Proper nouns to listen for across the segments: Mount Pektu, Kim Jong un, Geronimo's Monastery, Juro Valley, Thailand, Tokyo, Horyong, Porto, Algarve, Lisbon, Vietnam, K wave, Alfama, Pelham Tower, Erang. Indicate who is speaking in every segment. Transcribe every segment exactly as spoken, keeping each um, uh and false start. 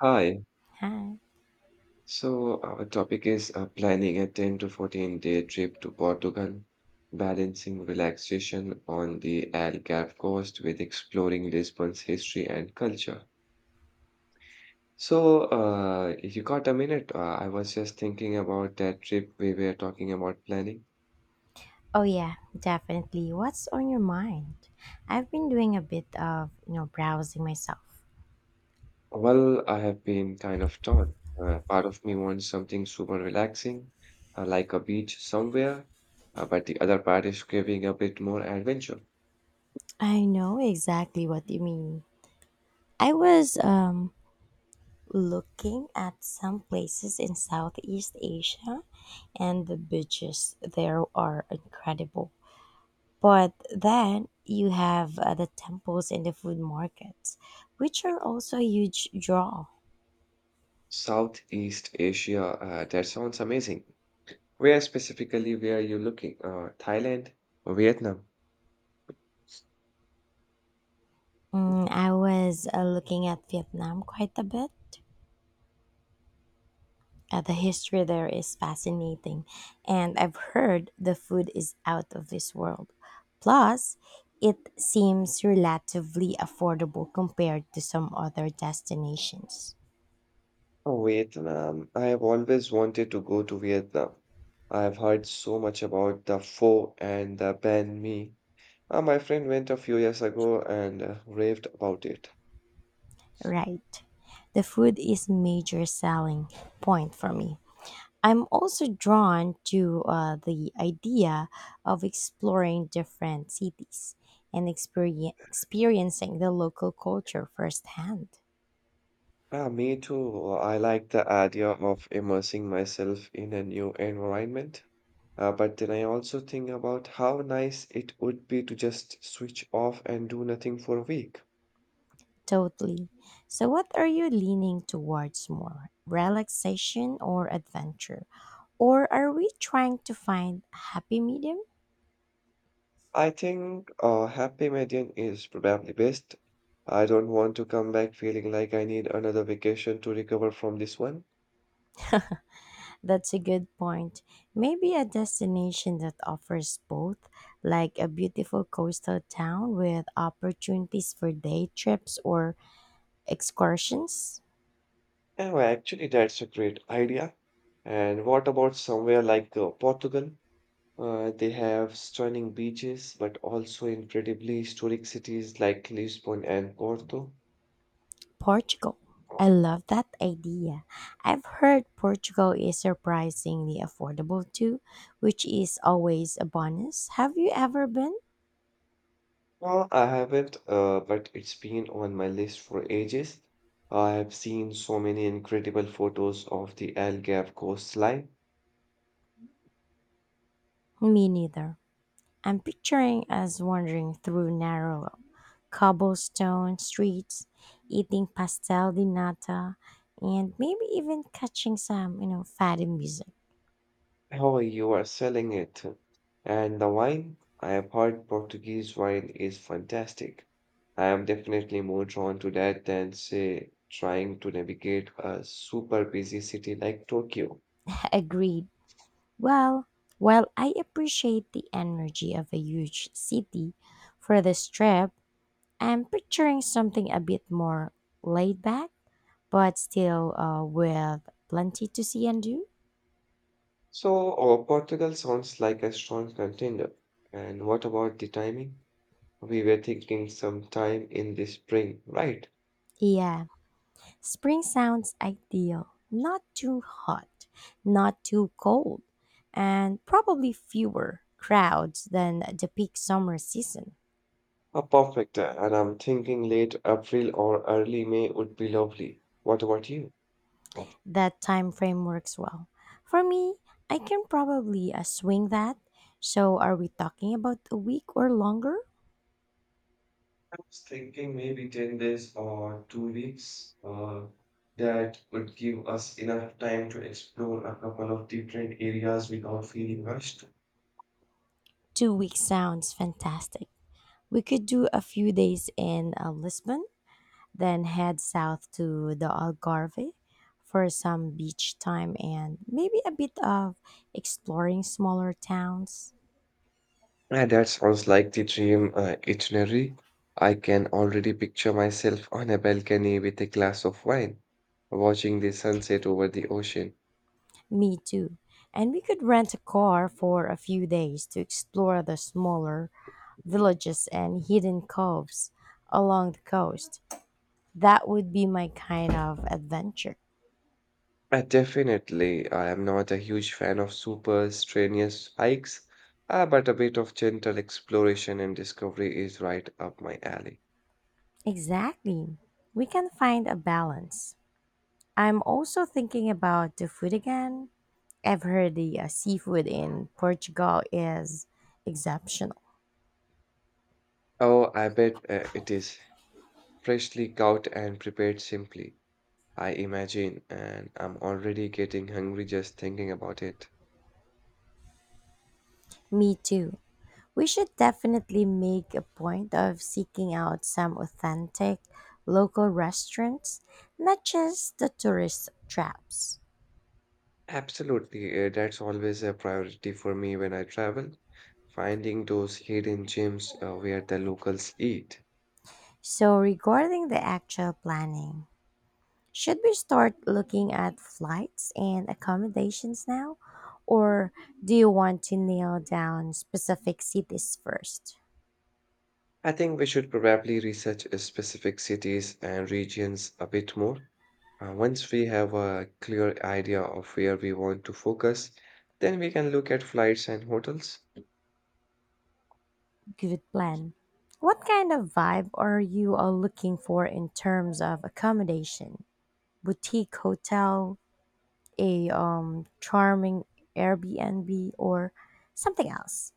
Speaker 1: Hi.
Speaker 2: Hi.
Speaker 1: So our topic is uh, planning a ten to fourteen day trip to Portugal, balancing relaxation on the Algarve coast with exploring Lisbon's history and culture. So, uh, if you got a minute, uh, I was just thinking about that trip we were talking about planning.
Speaker 2: Oh yeah, definitely. What's on your mind? I've been doing a bit of, you know, browsing myself.
Speaker 1: Well, I have been kind of torn. Uh, part of me wants something super relaxing, uh, like a beach somewhere, uh, but the other part is craving a bit more adventure.
Speaker 2: I know exactly what you mean. I was um looking at some places in Southeast Asia, and the beaches there are incredible. But then you have uh, the temples and the food markets, which are also a huge draw.
Speaker 1: Southeast Asia, uh, that sounds amazing. Where specifically were you looking? Uh, Thailand or Vietnam?
Speaker 2: Mm, I was uh, looking at Vietnam quite a bit. Uh, the history there is fascinating, and I've heard the food is out of this world. Plus, it seems relatively affordable compared to some other destinations.
Speaker 1: Oh, Vietnam. I have always wanted to go to Vietnam. I have heard so much about the pho and the banh mi. Uh, my friend went a few years ago and uh, raved about it.
Speaker 2: Right. The food is major selling point for me. I'm also drawn to uh, the idea of exploring different cities and experien experiencing the local culture firsthand.
Speaker 1: Ah, me too. Well, I like the idea of immersing myself in a new environment. Uh, but then I also think about how nice it would be to just switch off and do nothing for a week.
Speaker 2: Totally. So, what are you leaning towards more? Relaxation or adventure? Or are we trying to find a happy medium?
Speaker 1: I think uh, happy median is probably best. I don't want to come back feeling like I need another vacation to recover from this one.
Speaker 2: That's a good point. Maybe a destination that offers both, like a beautiful coastal town with opportunities for day trips or excursions?
Speaker 1: Oh, actually, that's a great idea. And what about somewhere like uh, Portugal? Uh, they have stunning beaches, but also incredibly historic cities like Lisbon and Porto.
Speaker 2: Portugal. I love that idea. I've heard Portugal is surprisingly affordable too, which is always a bonus. Have you ever been?
Speaker 1: No, I haven't, uh, but it's been on my list for ages. I have seen so many incredible photos of the Algarve coastline.
Speaker 2: Me neither. I'm picturing us wandering through narrow cobblestone streets, eating pastel di nata, and maybe even catching some, you know, fatty music.
Speaker 1: Oh, you are selling it. And the wine? I have heard Portuguese wine is fantastic. I am definitely more drawn to that than, say, trying to navigate a super busy city like Tokyo.
Speaker 2: Agreed. Well, while I appreciate the energy of a huge city for the strip, I'm picturing something a bit more laid back, but still uh, with plenty to see and do.
Speaker 1: So, uh, Portugal sounds like a strong contender. And what about the timing? We were thinking sometime in the spring, right?
Speaker 2: Yeah, spring sounds ideal. Not too hot, not too cold, and probably fewer crowds than the peak summer season.
Speaker 1: Uh, perfect. uh, And I'm thinking late April or early May would be lovely. What about you? Oh,
Speaker 2: That time frame works well. For me, I can probably uh, swing that. So, are we talking about a week or longer?
Speaker 1: I was thinking maybe ten days or two weeks. Uh, that would give us enough time to explore a couple of different areas without feeling rushed.
Speaker 2: Two weeks sounds fantastic. We could do a few days in uh, Lisbon, then head south to the Algarve for some beach time and maybe a bit of exploring smaller towns.
Speaker 1: Yeah, that sounds like the dream uh, itinerary. I can already picture myself on a balcony with a glass of wine, watching the sunset over the ocean.
Speaker 2: Me too. And we could rent a car for a few days to explore the smaller
Speaker 1: Mm.
Speaker 2: villages and hidden coves along the coast. That would be my kind of adventure.
Speaker 1: Uh, definitely, I am not a huge fan of super strenuous hikes, uh, but a bit of gentle exploration and discovery is right up my alley.
Speaker 2: Exactly. We can find a balance. I'm also thinking about the food again. Ever the uh, seafood in Portugal is exceptional.
Speaker 1: Oh, I bet uh, it is freshly caught and prepared simply, I imagine, and I'm already getting hungry just thinking about it.
Speaker 2: Me too. We should definitely make a point of seeking out some authentic local restaurants, not just the tourist traps.
Speaker 1: Absolutely, uh, that's always a priority for me when I travel, finding those hidden gems uh, where the locals eat.
Speaker 2: So, regarding the actual planning, should we start looking at flights and accommodations now? Or do you want to nail down specific cities first?
Speaker 1: I think we should probably research uh, specific cities and regions a bit more. Uh, once we have a clear idea of where we want to focus, then we can look at flights and hotels.
Speaker 2: Good plan. What kind of vibe are you all looking for in terms of accommodation? Boutique hotel, a um, charming Airbnb, or something else?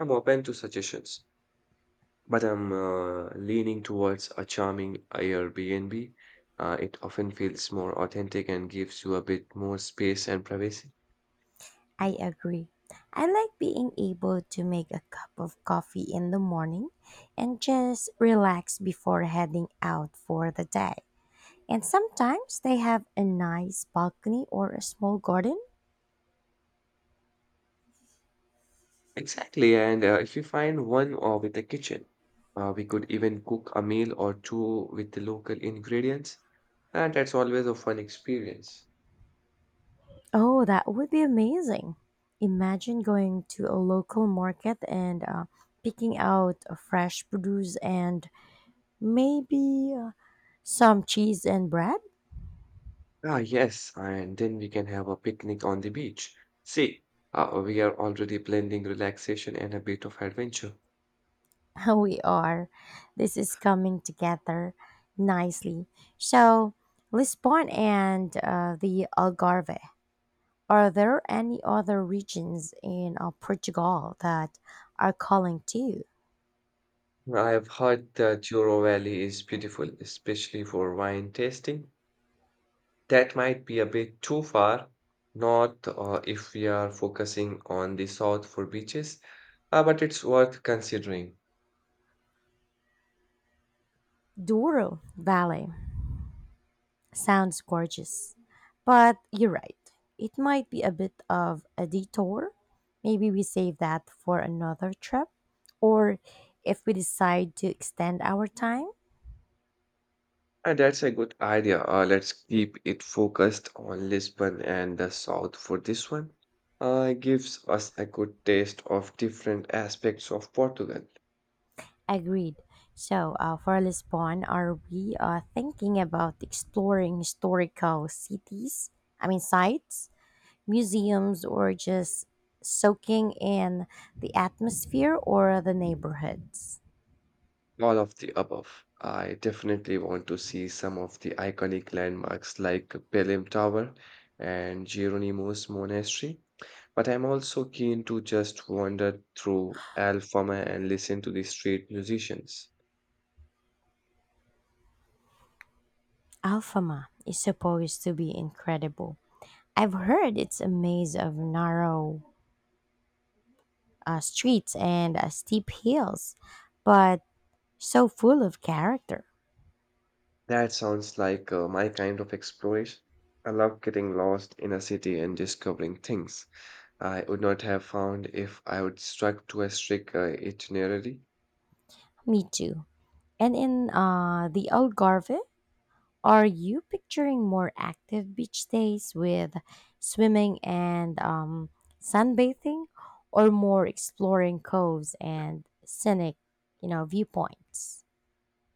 Speaker 1: I'm open to suggestions. But I'm uh, leaning towards a charming Airbnb. Uh, it often feels more authentic and gives you a bit more space and privacy.
Speaker 2: I agree. I like being able to make a cup of coffee in the morning and just relax before heading out for the day. And sometimes they have a nice balcony or a small garden.
Speaker 1: Exactly. And uh, if you find one uh, with a kitchen, uh, we could even cook a meal or two with the local ingredients. And that's always a fun experience.
Speaker 2: Oh, that would be amazing. Imagine going to a local market and uh, picking out a fresh produce and maybe uh, some cheese and bread.
Speaker 1: Ah, yes. And then we can have a picnic on the beach. See, uh, we are already blending relaxation and a bit of adventure.
Speaker 2: We are. This is coming together nicely. So, Lisbon and uh, the Algarve. Are there any other regions in uh, Portugal that are calling to you?
Speaker 1: I have heard that Juro Valley is beautiful, especially for wine tasting. That might be a bit too far north uh, if we are focusing on the south for beaches, uh, but it's worth considering.
Speaker 2: Douro Valley. Sounds gorgeous. But you're right. It might be a bit of a detour. Maybe we save that for another trip. Or if we decide to extend our time.
Speaker 1: And that's a good idea. Uh, let's keep it focused on Lisbon and the south for this one. Uh, it gives us a good taste of different aspects of Portugal.
Speaker 2: Agreed. So, uh, for Lisbon, are we uh, thinking about exploring historical cities? I mean, sites, museums, or just soaking in the atmosphere or the neighborhoods?
Speaker 1: All of the above. I definitely want to see some of the iconic landmarks like Pelham Tower and Geronimo's Monastery, but I'm also keen to just wander through Alfama and listen to the street musicians.
Speaker 2: Alfama is supposed to be incredible. I've heard it's a maze of narrow uh, streets and uh, steep hills, but so full of character.
Speaker 1: That sounds like uh, my kind of exploration. I love getting lost in a city and discovering things I would not have found if I would stuck to a strict uh, itinerary.
Speaker 2: Me too. And in uh, the Algarve, are you picturing more active beach days with swimming and um, sunbathing, or more exploring coves and scenic, you know, viewpoints?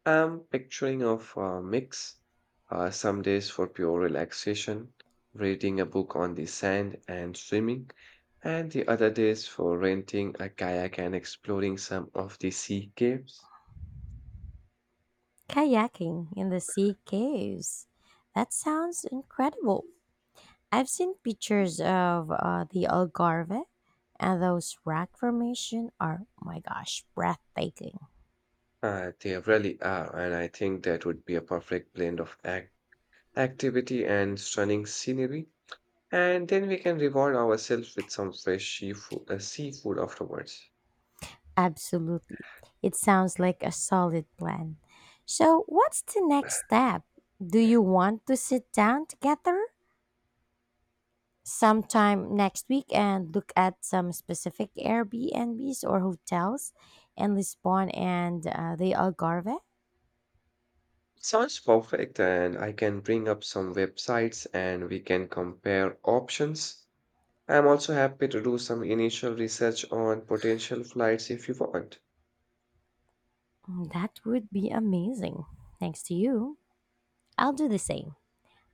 Speaker 1: I'm picturing of a mix, uh, some days for pure relaxation, reading a book on the sand and swimming, and the other days for renting a kayak and exploring some of the sea caves.
Speaker 2: Kayaking in the sea caves. That sounds incredible. I've seen pictures of uh, the Algarve, and those rock formation are, my gosh, breathtaking.
Speaker 1: Uh, they really are, and I think that would be a perfect blend of act activity and stunning scenery. And then we can reward ourselves with some fresh seafood, uh, seafood afterwards.
Speaker 2: Absolutely. It sounds like a solid plan. So, what's the next step? Do you want to sit down together sometime next week and look at some specific Airbnbs or hotels in Lisbon and uh, the Algarve?
Speaker 1: Sounds perfect, and I can bring up some websites and we can compare options. I'm also happy to do some initial research on potential flights if you want.
Speaker 2: Mm, that would be amazing. Thanks to you. I'll do the same.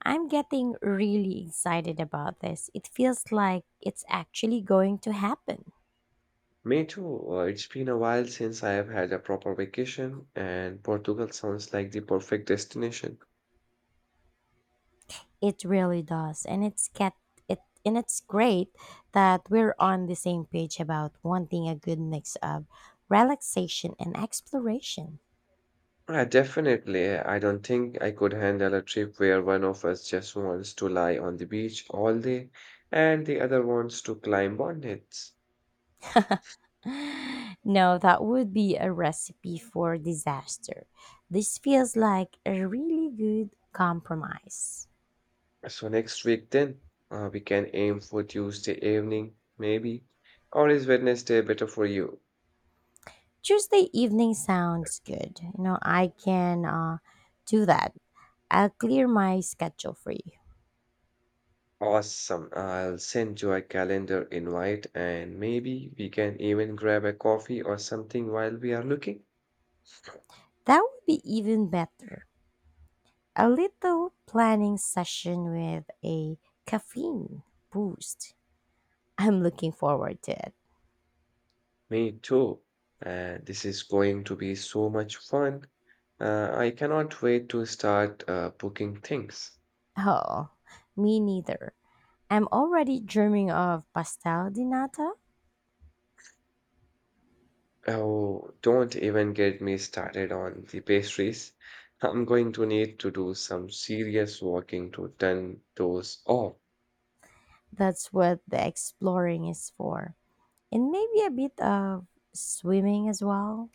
Speaker 2: I'm getting really excited about this. It feels like it's actually going to happen.
Speaker 1: Me too. uh, It's been a while since I have had a proper vacation, and Portugal sounds like the perfect destination.
Speaker 2: It really does. And it's get it and it's great that we're on the same page about wanting a good mix of relaxation and exploration.
Speaker 1: Yeah, definitely. I don't think I could handle a trip where one of us just wants to lie on the beach all day and the other wants to climb on it.
Speaker 2: No, that would be a recipe for disaster. This feels like a really good compromise.
Speaker 1: So next week then, uh, we can aim for Tuesday evening, maybe. Or is Wednesday better for you?
Speaker 2: Tuesday evening sounds good. You know, I can uh, do that. I'll clear my schedule for you.
Speaker 1: Awesome. I'll send you a calendar invite and maybe we can even grab a coffee or something while we are looking.
Speaker 2: That would be even better. A little planning session with a caffeine boost. I'm looking forward to it.
Speaker 1: Me too. Uh, this is going to be so much fun. Uh, I cannot wait to start uh, booking things.
Speaker 2: Oh, me neither. I'm already dreaming of pastel di nata.
Speaker 1: Oh, don't even get me started on the pastries. I'm going to need to do some serious walking to turn those off.
Speaker 2: That's what the exploring is for. And maybe a bit of swimming as well.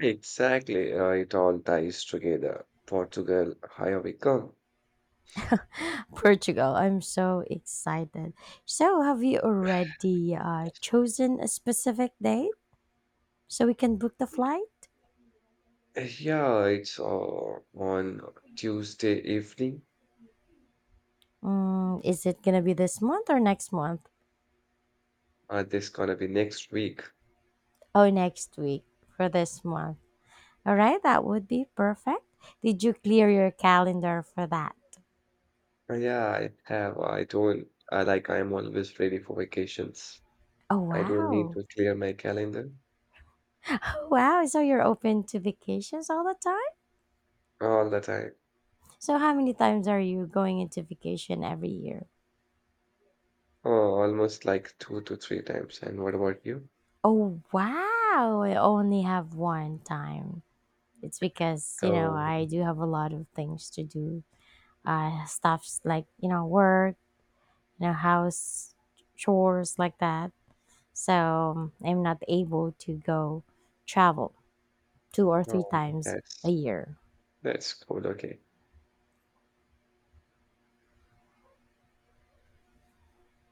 Speaker 1: Exactly, uh, it all ties together. Portugal, here we come.
Speaker 2: Portugal, I'm so excited. So, have you already uh, chosen a specific date? So we can book the flight?
Speaker 1: Uh, Yeah, it's uh, on Tuesday evening.
Speaker 2: Mm, is it going to be this month or next month?
Speaker 1: Uh, this gonna be next week.
Speaker 2: Oh, next week for this month. All right, that would be perfect. Did you clear your calendar for that?
Speaker 1: Uh, Yeah, I have. I don't. I like. I'm always ready for vacations.
Speaker 2: Oh,
Speaker 1: I don't need
Speaker 2: wow.
Speaker 1: to clear my calendar
Speaker 2: Oh, wow. So you're open to vacations all the time?
Speaker 1: all the time.
Speaker 2: So how many times are you going into vacation every year?
Speaker 1: Oh, almost like two to three times. And what about you?
Speaker 2: Oh, wow. I only have one time. It's because, you know,
Speaker 1: Oh,
Speaker 2: I do have a lot of things to do. Uh, stuffs like, you know, work, you know, house chores like that. So um, I'm not able to go travel two or three
Speaker 1: oh,
Speaker 2: times a
Speaker 1: that's
Speaker 2: year.
Speaker 1: that's cool. Okay.